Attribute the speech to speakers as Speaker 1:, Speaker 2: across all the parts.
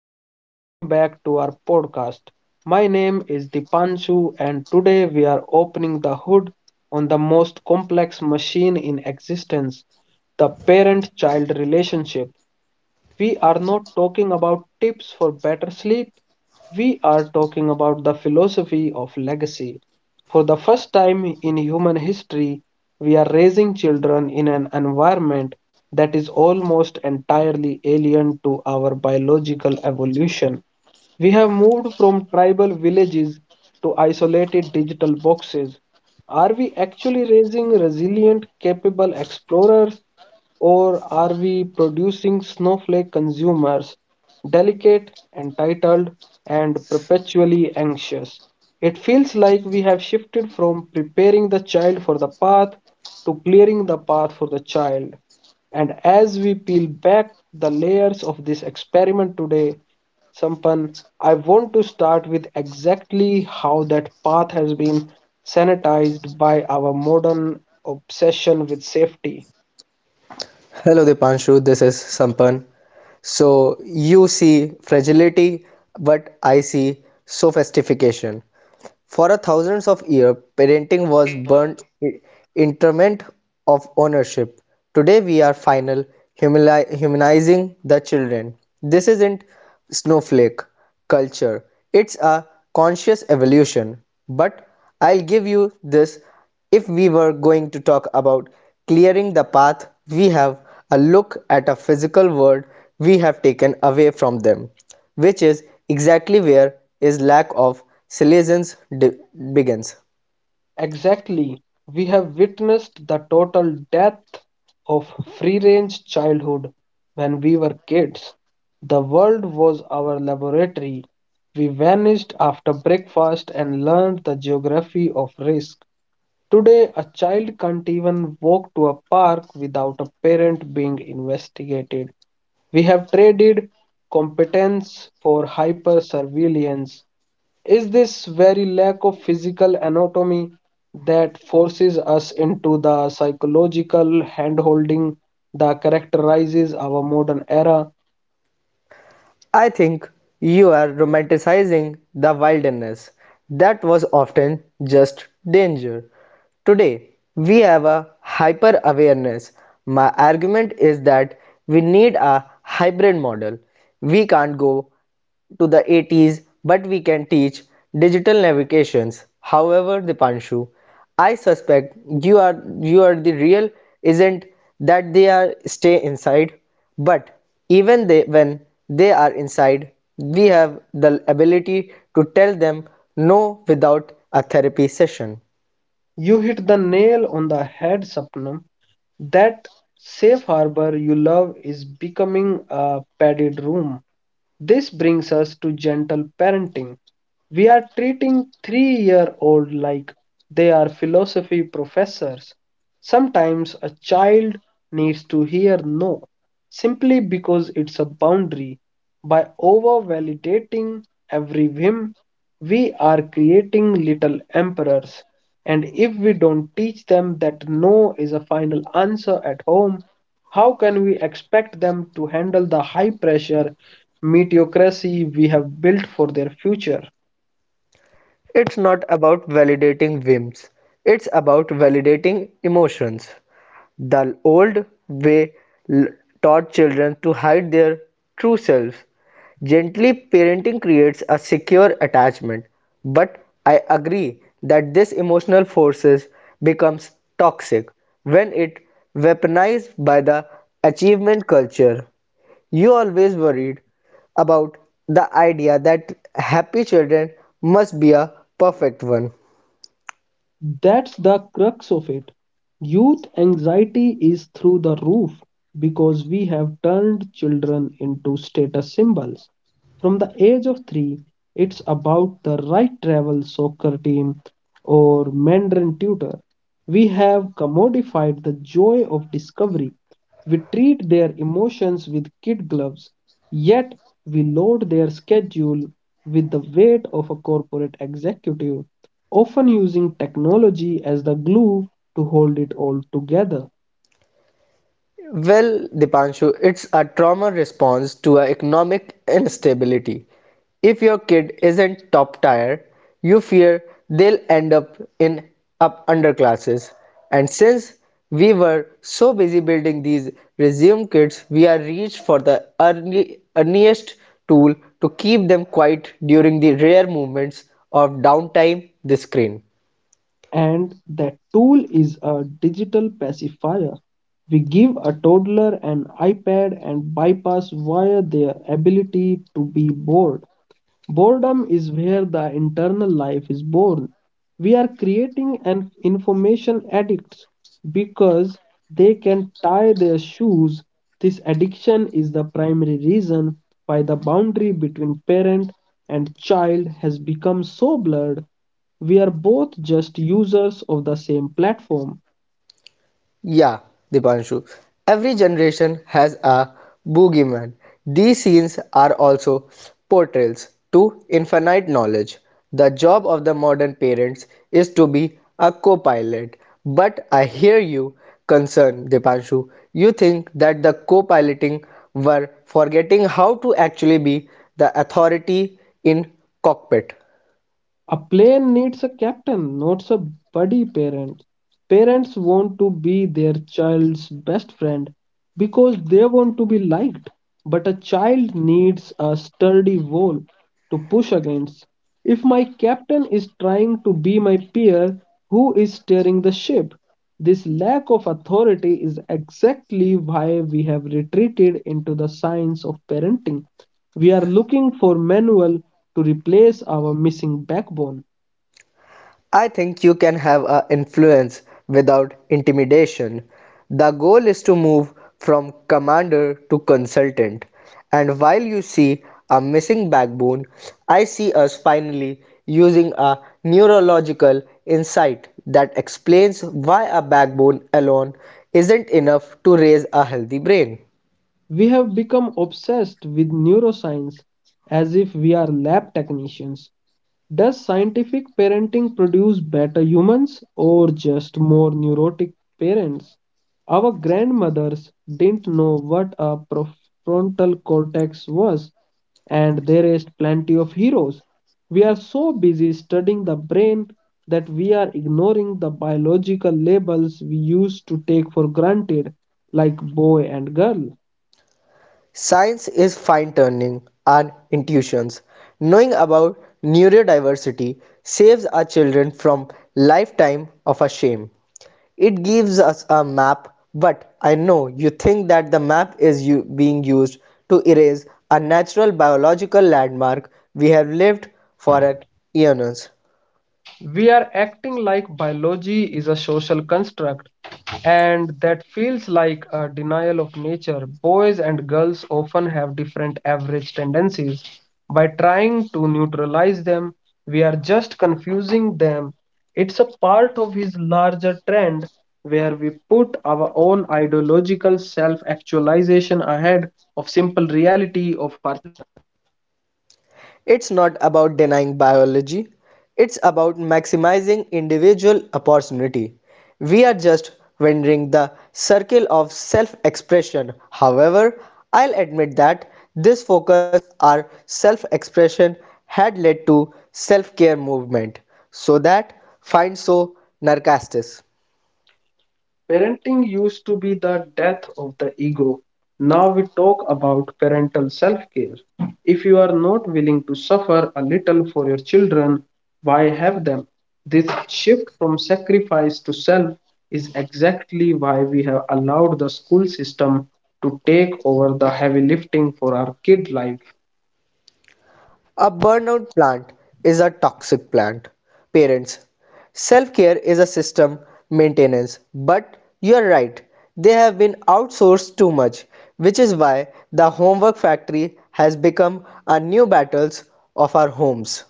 Speaker 1: and welcome back to our podcast. My name is Dipanshu, and today we are opening the hood on the most complex machine in existence, the parent child relationship. We are not talking about tips for better sleep, we are talking about the philosophy of legacy. For the first time in human history, we are raising children in an environment that is almost entirely alien to our biological evolution. We have moved from tribal villages to isolated digital boxes. Are we actually raising resilient, capable explorers, or are we producing snowflake consumers, delicate, entitled, and perpetually anxious? It feels like we have shifted from preparing the child for the path to clearing the path for the child. And as we peel back the layers of this experiment today, Sampan, I want to start with exactly how that path has been sanitized by our modern obsession with safety.
Speaker 2: Hello Dipanshu, this is Sampan. So you see fragility, but I see sophistication. For a thousands of years, parenting was interment of ownership. Today we are final humanizing the children. This isn't snowflake culture. It's a conscious evolution. But I'll give you this if we were going to talk about clearing the path, we have a look at a physical world we have taken away from them, which is exactly where is lack of salience begins.
Speaker 1: Exactly. We have witnessed the total death of free range childhood when we were kids. The world was our laboratory. We vanished after breakfast and learned the geography of risk. Today, a child can't even walk to a park without a parent being investigated. We have traded competence for hyper surveillance. Is this very lack of physical anatomy that forces us into the psychological handholding that characterizes our modern era?
Speaker 2: I think you are romanticizing the wilderness that was often just danger. Today, we have a hyper awareness. My argument is that we need a hybrid model. We can't go to the 80s but we can teach digital navigations. However, Dipanshu, I suspect you are you are the real isn't that they are stay inside, but even they when they are inside, we have the ability to tell them no without a therapy session.
Speaker 1: You hit the nail on the head, Sapnam. That safe harbor you love is becoming a padded room. This brings us to gentle parenting. We are treating 3-year-old old like they are philosophy professors. Sometimes a child needs to hear no simply because it's a boundary. By over validating every whim, we are creating little emperors. And if we don't teach them that no is a final answer at home, how can we expect them to handle the high pressure meteocracy we have built for their future?
Speaker 2: It's not about validating whims, it's about validating emotions. The old way taught children to hide their true selves. Gently parenting creates a secure attachment, but I agree that this emotional forces becomes toxic when it weaponized by the achievement culture. You always worried about the idea that happy children must be a perfect one.
Speaker 1: That's the crux of it. Youth anxiety is through the roof because we have turned children into status symbols. From the age of three, it's about the right travel soccer team or Mandarin tutor. We have commodified the joy of discovery. We treat their emotions with kid gloves, yet we load their schedule with the weight of a corporate executive, often using technology as the glue to hold it all together.
Speaker 2: Well, Dipanshu, it's a trauma response to a economic instability. If your kid isn't top tier, you fear they'll end up in up underclasses. And since we were so busy building these resume kits, we are reached for the early, earliest tool to keep them quiet during the rare moments of downtime the screen.
Speaker 1: And that tool is a digital pacifier. We give a toddler an iPad and bypass via their ability to be bored. Boredom is where the internal life is born. We are creating an information addicts because they can tie their shoes. This addiction is the primary reason why the boundary between parent and child has become so blurred. We are both just users of the same platform.
Speaker 2: Yeah, Dipanshu. Every generation has a boogeyman. These scenes are also portrayals to infinite knowledge. The job of the modern parents is to be a co pilot. But I hear you concerned, Dipanshu. You think that the co piloting were forgetting how to actually be the authority in cockpit.
Speaker 1: A plane needs a captain, not a buddy parent. Parents want to be their child's best friend because they want to be liked, but a child needs a sturdy wall to push against. If my captain is trying to be my peer, who is steering the ship? This lack of authority is exactly why we have retreated into the science of parenting. We are looking for manual to replace our missing backbone.
Speaker 2: I think you can have an influence without intimidation. The goal is to move from commander to consultant. And while you see a missing backbone, I see us finally using a neurological insight that explains why a backbone alone isn't enough to raise a healthy brain.
Speaker 1: We have become obsessed with neuroscience as if we are lab technicians. Does scientific parenting produce better humans or just more neurotic parents? Our grandmothers didn't know what a prefrontal cortex was, and they raised plenty of heroes. We are so busy studying the brain that we are ignoring the biological labels we used to take for granted, like boy and girl.
Speaker 2: Science is fine-tuning our intuitions. Knowing about neurodiversity saves our children from lifetime of a shame. It gives us a map, but I know you think that the map is being used to erase a natural biological landmark we have lived for at eons.
Speaker 1: We are acting like biology is a social construct, and that feels like a denial of nature. Boys and girls often have different average tendencies. By trying to neutralize them, we are just confusing them. It's a part of his larger trend where we put our own ideological self actualization ahead of simple reality of our
Speaker 2: It's not about denying biology, it's about maximizing individual opportunity. We are just wandering the circle of self expression. However, I'll admit that this focus on self expression had led to self care movement so that finds so narcastis.
Speaker 1: Parenting used to be the death of the ego. Now we talk about parental self care. If you are not willing to suffer a little for your children, why have them? This shift from sacrifice to self is exactly why we have allowed the school system to take over the heavy lifting for our kid life.
Speaker 2: A burnout plant is a toxic plant. Parents, self care is a system maintenance, but you're right, they have been outsourced too much, which is why the homework factory has become a new battles of our homes.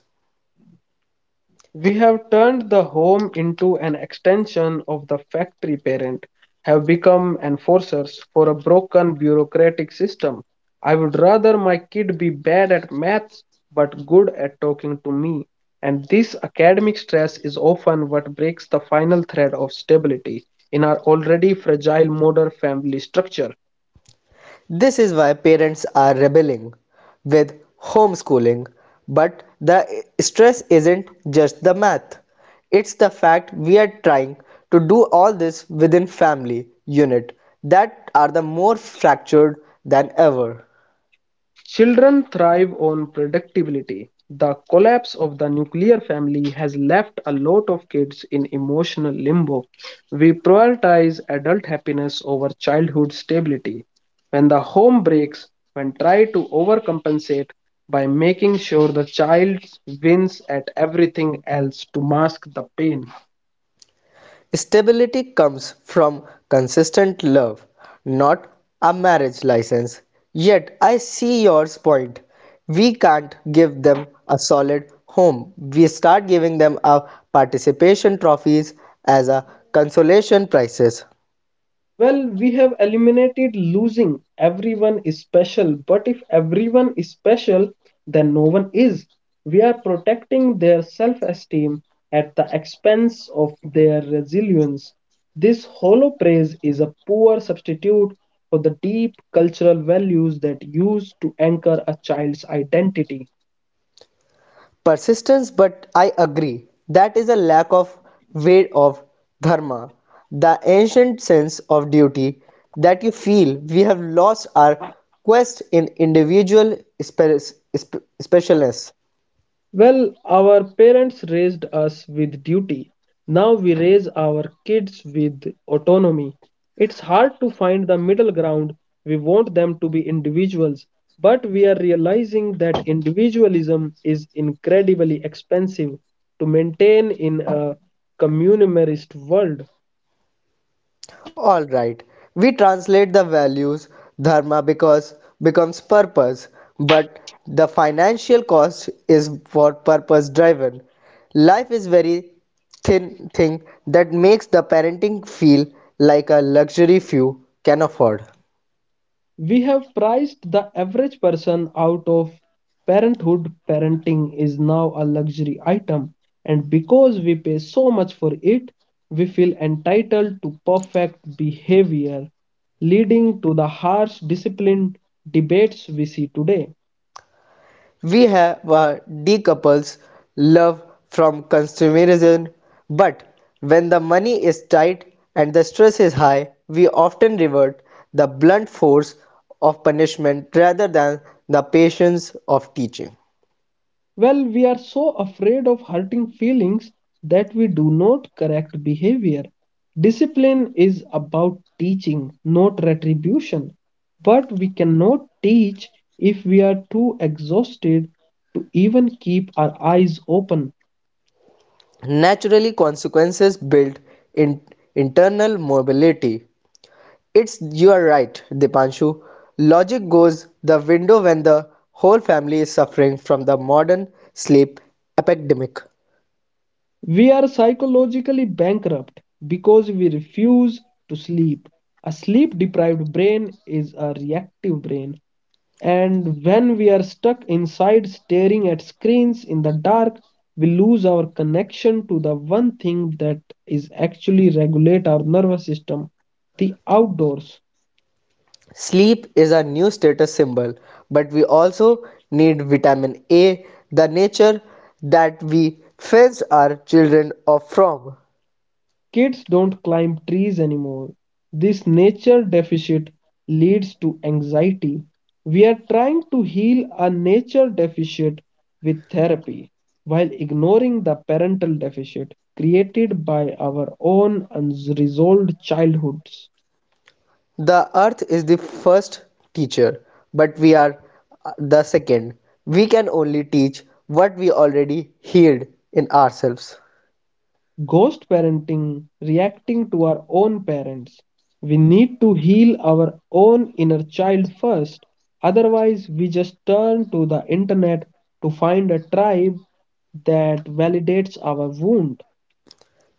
Speaker 1: We have turned the home into an extension of the factory parent, have become enforcers for a broken bureaucratic system. I would rather my kid be bad at maths but good at talking to me. And this academic stress is often what breaks the final thread of stability in our already fragile modern family structure.
Speaker 2: This is why parents are rebelling with homeschooling. But the stress isn't just the math. It's the fact we are trying to do all this within family unit that are the more fractured than ever.
Speaker 1: Children thrive on predictability. The collapse of the nuclear family has left a lot of kids in emotional limbo. We prioritize adult happiness over childhood stability. When the home breaks, when try to overcompensate by making sure the child wins at everything else to mask the pain.
Speaker 2: Stability comes from consistent love, not a marriage license. Yet I see your point. We can't give them a solid home. We start giving them a participation trophies as a consolation prizes.
Speaker 1: Well, we have eliminated losing. Everyone is special. But if everyone is special, then no one is. We are protecting their self esteem at the expense of their resilience. This hollow praise is a poor substitute for the deep cultural values that used to anchor a child's identity.
Speaker 2: Persistence but I agree that is a lack of weight of dharma, the ancient sense of duty that you feel we have lost our quest in individual spe- spe- specialness.
Speaker 1: Well, our parents raised us with duty. Now we raise our kids with autonomy. It's hard to find the middle ground. We want them to be individuals, but we are realizing that individualism is incredibly expensive to maintain in a communimerist world.
Speaker 2: All right. We translate the values dharma because becomes purpose, but the financial cost is for purpose driven. Life is very thin thing that makes the parenting feel like a luxury few can afford.
Speaker 1: We have priced the average person out of parenthood. Parenting is now a luxury item, and because we pay so much for it, we feel entitled to perfect behavior, leading to the harsh discipline debates we see today.
Speaker 2: We have a decouples love from consumerism, but when the money is tight and the stress is high, we often revert the blunt force of punishment rather than the patience of teaching.
Speaker 1: Well, we are so afraid of hurting feelings that we do not correct behavior. Discipline is about teaching, not retribution. But we cannot teach if we are too exhausted to even keep our eyes open.
Speaker 2: Naturally, consequences build in internal mobility. It's you are right, Dipanshu. Logic goes the window when the whole family is suffering from the modern sleep epidemic.
Speaker 1: We are psychologically bankrupt because we refuse to sleep. A sleep deprived brain is a reactive brain, and when we are stuck inside staring at screens in the dark, we lose our connection to the one thing that is actually regulate our nervous system, the outdoors.
Speaker 2: Sleep is our new status symbol, but we also need vitamin A, the nature that we fenced our children off from.
Speaker 1: Kids don't climb trees anymore. This nature deficit leads to anxiety. We are trying to heal a nature deficit with therapy while ignoring the parental deficit created by our own unresolved childhoods.
Speaker 2: The earth is the first teacher, but we are the second. We can only teach what we already healed in ourselves.
Speaker 1: Ghost parenting, reacting to our own parents. We need to heal our own inner child first. Otherwise, we just turn to the internet to find a tribe that validates our wound.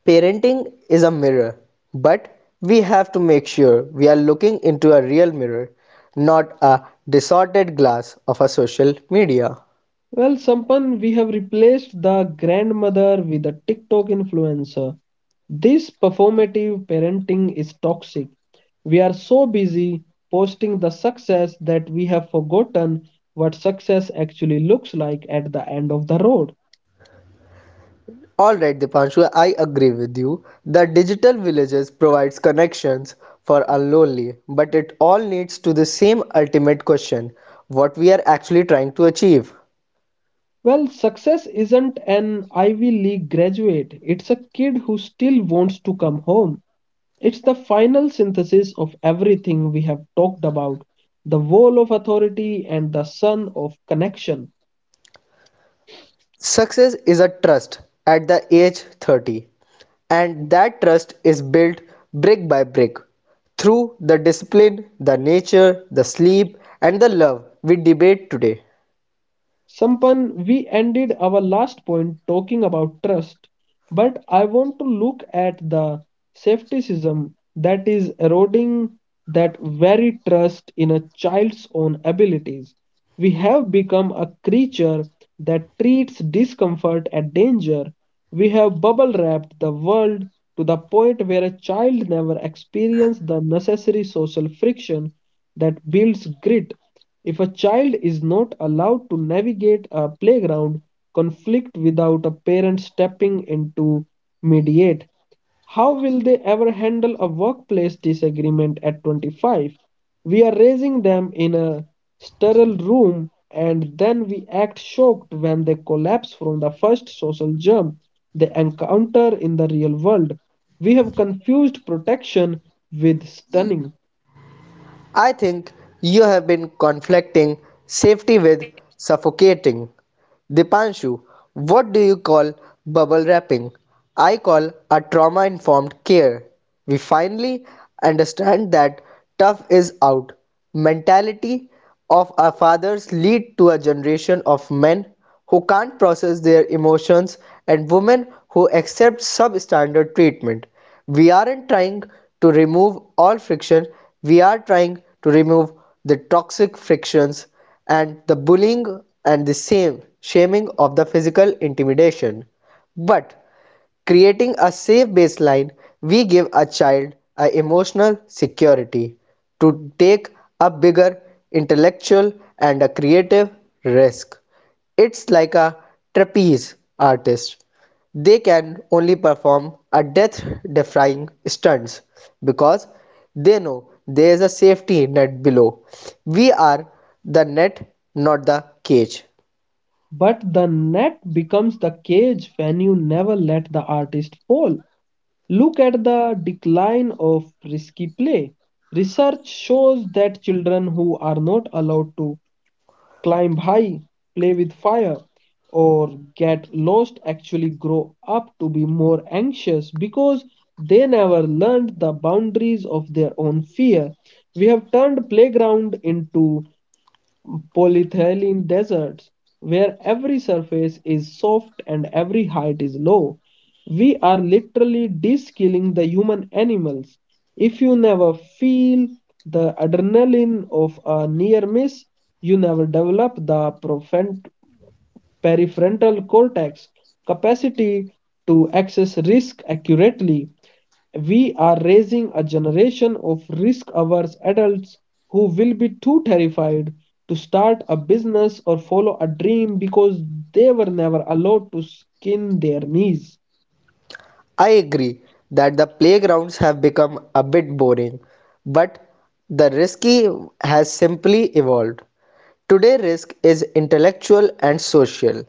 Speaker 2: Parenting is a mirror, but we have to make sure we are looking into a real mirror, not a distorted glass of a social media.
Speaker 1: Well, Sampan, we have replaced the grandmother with a TikTok influencer. This performative parenting is toxic. We are so busy posting the success that we have forgotten what success actually looks like at the end of the road.
Speaker 2: Alright Dipanshu, I agree with you. The digital villages provides connections for unlonely, but it all leads to the same ultimate question, what we are actually trying to achieve.
Speaker 1: Well, success isn't an Ivy League graduate, it's a kid who still wants to come home. It's the final synthesis of everything we have talked about, the wall of authority and the sun of connection.
Speaker 2: Success is a trust at the age 30, and that trust is built brick by brick through the discipline, the nature, the sleep, and the love we debate today.
Speaker 1: Sampan, we ended our last point talking about trust, but I want to look at the safetyism that is eroding that very trust in a child's own abilities. We have become a creature that treats discomfort and danger. We have bubble wrapped the world to the point where a child never experiences the necessary social friction that builds grit. If a child is not allowed to navigate a playground conflict without a parent stepping in to mediate, how will they ever handle a workplace disagreement at 25? We are raising them in a sterile room and then we act shocked when they collapse from the first social germ they encounter in the real world. We have confused protection with stunning.
Speaker 2: I think you have been conflicting safety with suffocating. Dipanshu, what do you call bubble wrapping? I call a trauma informed care. We finally understand that tough is out. Mentality of our fathers lead to a generation of men who can't process their emotions and women who accept substandard treatment. We aren't trying to remove all friction, we are trying to remove the toxic frictions and the bullying and the same shaming of the physical intimidation. But creating a safe baseline, we give a child a emotional security to take a bigger intellectual and a creative risk. It's like a trapeze artist. They can only perform a death defying stunts because they know there is a safety net below. We are the net, not the cage.
Speaker 1: But the net becomes the cage when you never let the artist fall. Look at the decline of risky play. Research shows that children who are not allowed to climb high, play with fire, or get lost actually grow up to be more anxious because they never learned the boundaries of their own fear. We have turned playground into polyethylene deserts where every surface is soft and every height is low. We are literally de-skilling the human animals. If you never feel the adrenaline of a near miss, you never develop the profent- cortex capacity to access risk accurately. We are raising a generation of risk averse adults who will be too terrified to start a business or follow a dream because they were never allowed to skin their knees.
Speaker 2: I agree that the playgrounds have become a bit boring, but the risky has simply evolved. Today, risk is intellectual and social.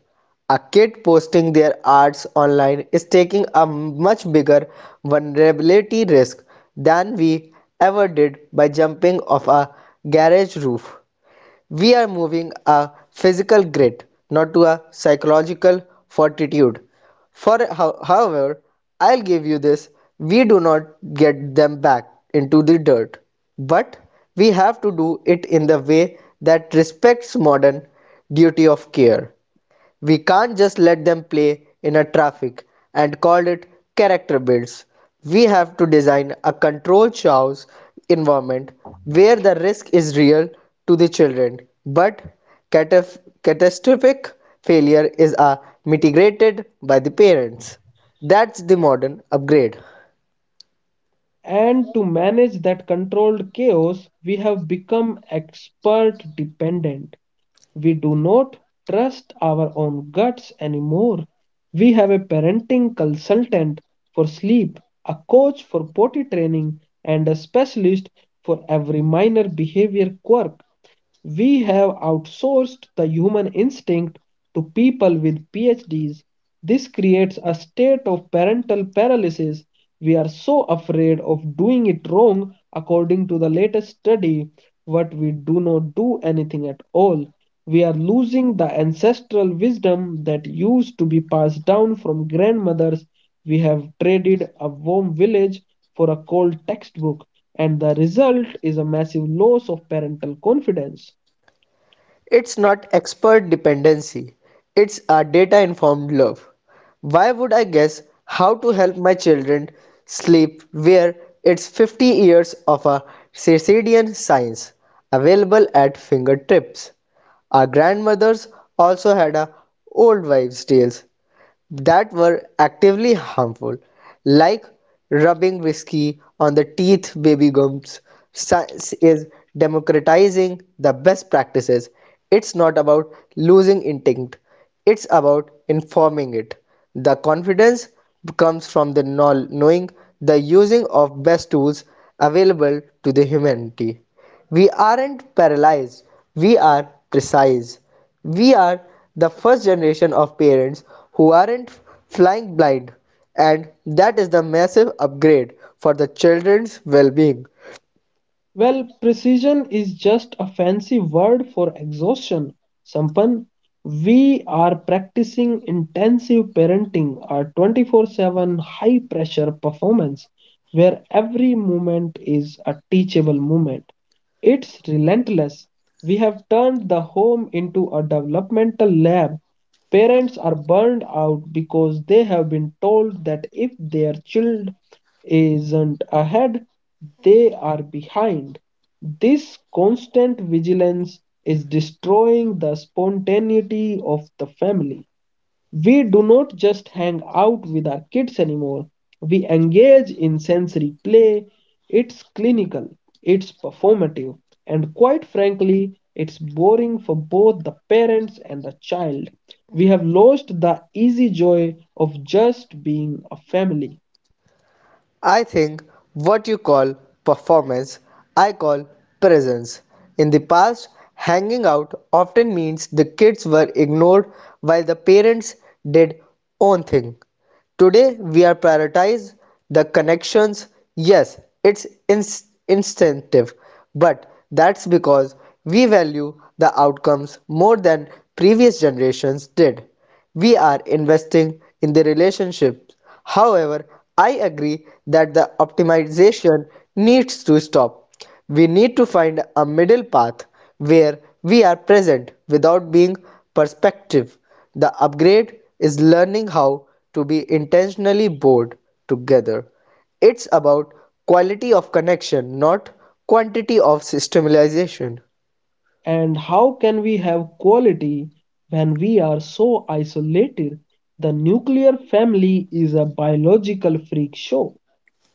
Speaker 2: A kid posting their arts online is taking a much bigger vulnerability risk than we ever did by jumping off a garage roof. We are moving a physical grit, not to a psychological fortitude. For however, I'll give you this, we do not get them back into the dirt, but we have to do it in the way that respects modern duty of care. We can't just let them play in a traffic and call it character builds. We have to design a controlled chaos environment where the risk is real to the children, but catastrophic failure is mitigated by the parents. That's the modern upgrade.
Speaker 1: And to manage that controlled chaos, we have become expert dependent. We do not trust our own guts anymore. We have a parenting consultant for sleep, a coach for potty training, and a specialist for every minor behavior quirk. We have outsourced the human instinct to people with PhDs. This creates a state of parental paralysis. We are so afraid of doing it wrong, according to the latest study, but we do not do anything at all. We are losing the ancestral wisdom that used to be passed down from grandmothers. We have traded a warm village for a cold textbook and the result is a massive loss of parental confidence.
Speaker 2: It's not expert dependency, it's a data informed love. Why would I guess how to help my children sleep where it's 50 years of a circadian science available at fingertips? Our grandmothers also had a old wives' tales that were actively harmful, like rubbing whiskey on the teeth, baby gums, science is democratizing the best practices. It's not about losing intent, it's about informing it. The confidence comes from the knowing the using of best tools available to the humanity. We aren't paralyzed, we are precise. We are the first generation of parents who aren't flying blind, and that is the massive upgrade for the children's well being.
Speaker 1: Well, precision is just a fancy word for exhaustion. Sampan, we are practicing intensive parenting, our 24/7 high pressure performance where every moment is a teachable moment. It's relentless. We have turned the home into a developmental lab. Parents are burned out because they have been told that if their child isn't ahead, they are behind. This constant vigilance is destroying the spontaneity of the family. We do not just hang out with our kids anymore. We engage in sensory play. It's clinical, it's performative, and quite frankly, it's boring for both the parents and the child. We have lost the easy joy of just being a family.
Speaker 2: I think what you call performance, I call presence. In the past, hanging out often means the kids were ignored while the parents did own thing. Today we are prioritized the connections. Yes, it's instinctive, but that's because we value the outcomes more than previous generations did. We are investing in the relationships. However, I agree that the optimization needs to stop. We need to find a middle path where we are present without being perspective. The upgrade is learning how to be intentionally bored together. It's about quality of connection, not quantity of systemization.
Speaker 1: And how can we have quality when we are so isolated? The nuclear family is a biological freak show.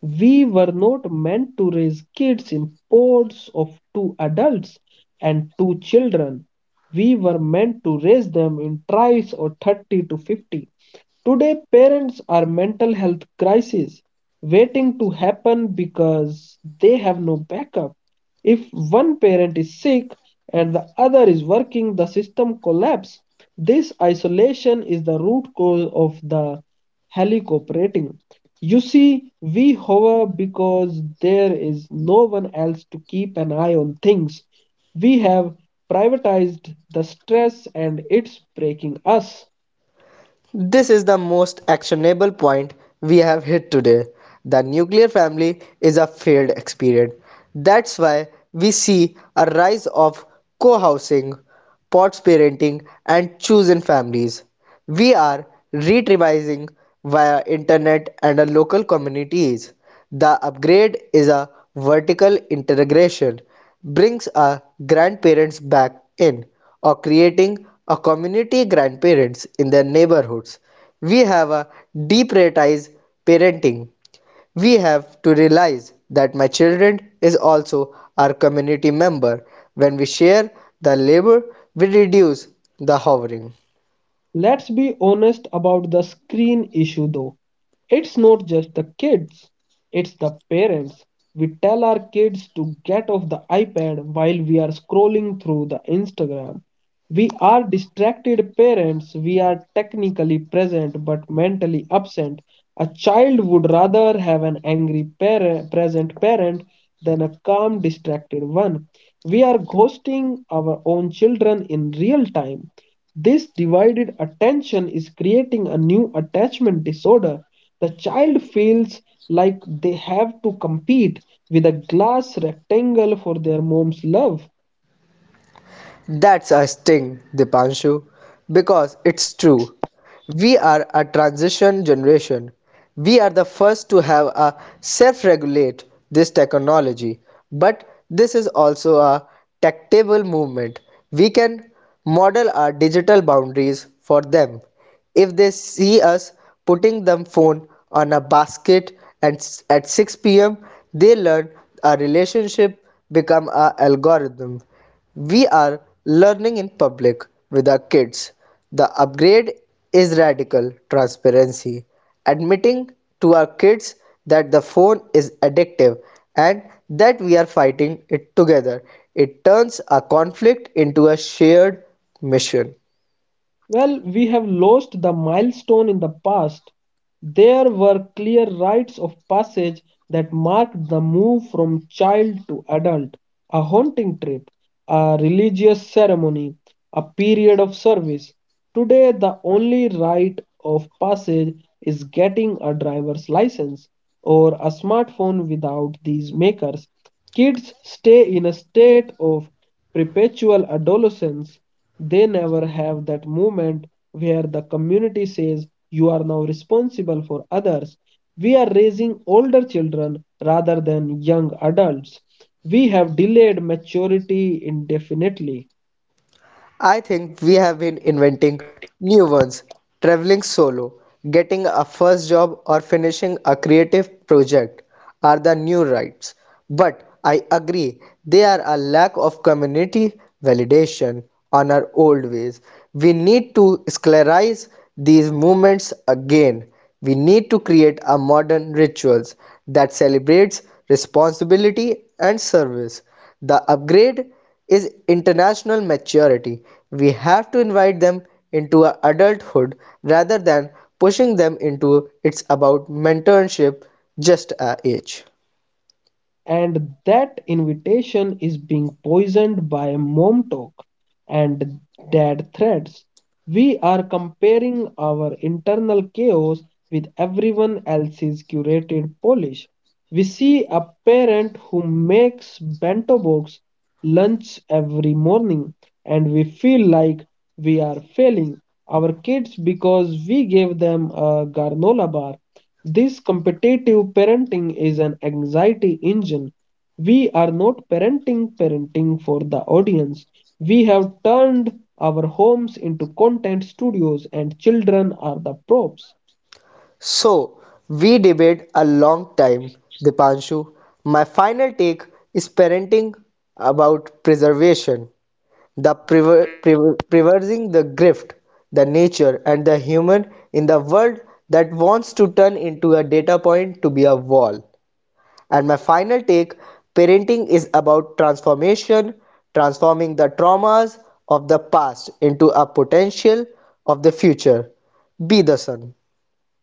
Speaker 1: We were not meant to raise kids in pods of two adults and two children. We were meant to raise them in tribes or 30 to 50. Today, parents are mental health crises waiting to happen because they have no backup. If one parent is sick and the other is working, the system collapses. This isolation is the root cause of the helicoptering. You see, we hover because there is no one else to keep an eye on things. We have privatized the stress, and it's breaking us.
Speaker 2: This is the most actionable point we have hit today. The nuclear family is a failed experiment. That's why we see a rise of co housing, pots parenting, and chosen families. We are retrieving via internet and our local communities. The upgrade is a vertical integration, brings our grandparents back in or creating a community grandparents in their neighborhoods. We have a deprioritize parenting. We have to realize that my children is also our community member. When we share the labor, we reduce the hovering.
Speaker 1: Let's be honest about the screen issue though. It's not just the kids, it's the parents. We tell our kids to get off the iPad while we are scrolling through the Instagram. We are distracted parents. We are technically present but mentally absent. A child would rather have an angry parent, present parent, than a calm, distracted one. We are ghosting our own children in real time. This divided attention is creating a new attachment disorder. The child feels like they have to compete with a glass rectangle for their mom's love.
Speaker 2: That's a sting, Dipanshu, because it's true. We are a transition generation. We are the first to have a self-regulate this technology, but this is also a tactable movement. We can model our digital boundaries for them if they see us putting the phone on a basket and at 6 p.m., they learn a relationship become a algorithm. We are learning in public with our kids. The upgrade is radical transparency, admitting to our kids that the phone is addictive and that we are fighting it together. It turns a conflict into a shared mission.
Speaker 1: Well, we have lost the milestone in the past. There were clear rites of passage that marked the move from child to adult: a haunting trip, a religious ceremony, a period of service. Today, the only rite of passage is getting a driver's license or a smartphone. Without these makers, kids stay in a state of perpetual adolescence. They never have that moment where the community says, "You are now responsible for others." We are raising older children rather than young adults. We have delayed maturity indefinitely,
Speaker 2: I think we have been inventing new ones, traveling solo, getting a first job, or finishing a creative project are the new rights. But I agree, they are a lack of community validation on our old ways. We need to sclerize these movements again. We need to create a modern rituals that celebrates responsibility and service. The upgrade is international maturity. We have to invite them into adulthood rather than pushing them into it's about mentorship just a age.
Speaker 1: and that invitation is being poisoned by mom talk and dad threats. We are comparing our internal chaos with everyone else's curated polish. We see a parent who makes bento box lunch every morning, and we feel like we are failing our kids because we gave them a granola bar. This competitive parenting is an anxiety engine. We are not parenting for the audience. We have turned our homes into content studios, and children are the props.
Speaker 2: So we debate a long time, Dipanshu. My final take is parenting about preservation, the preserving the gift, the nature, and the human in the world that wants to turn into a data point to be a wall. And my final take parenting is about transformation, transforming the traumas of the past into a potential of the future. Be the sun.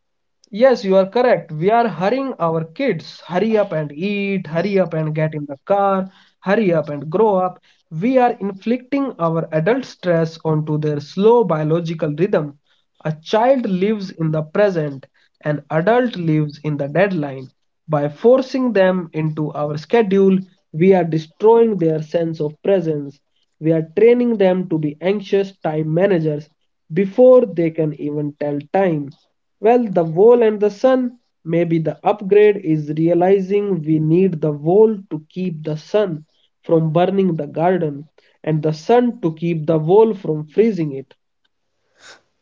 Speaker 1: Yes, you are correct. We are hurrying our kids. Hurry up and eat, hurry up and get in the car, hurry up and grow up. We are inflicting our adult stress onto their slow biological rhythm. A child lives in the present, an adult lives in the deadline. By forcing them into our schedule, we are destroying their sense of presence. We are training them to be anxious time managers before they can even tell time. Well, the wall and the sun. Maybe the upgrade is realizing we need the wall to keep the sun from burning the garden, and the sun to keep the wall from freezing it.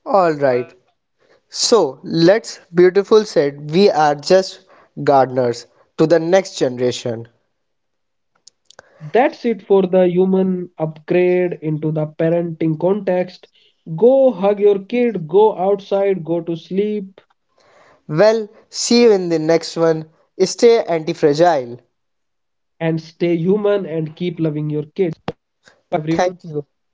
Speaker 2: All right. So let's beautiful said we are just gardeners to the next generation.
Speaker 1: That's it for the human upgrade into the parenting context. Go hug your kid, go outside, go to sleep,
Speaker 2: Well, see you in the next one. Stay anti fragile.
Speaker 1: and stay human and keep loving your kid.
Speaker 2: Thank you.
Speaker 1: Everyone.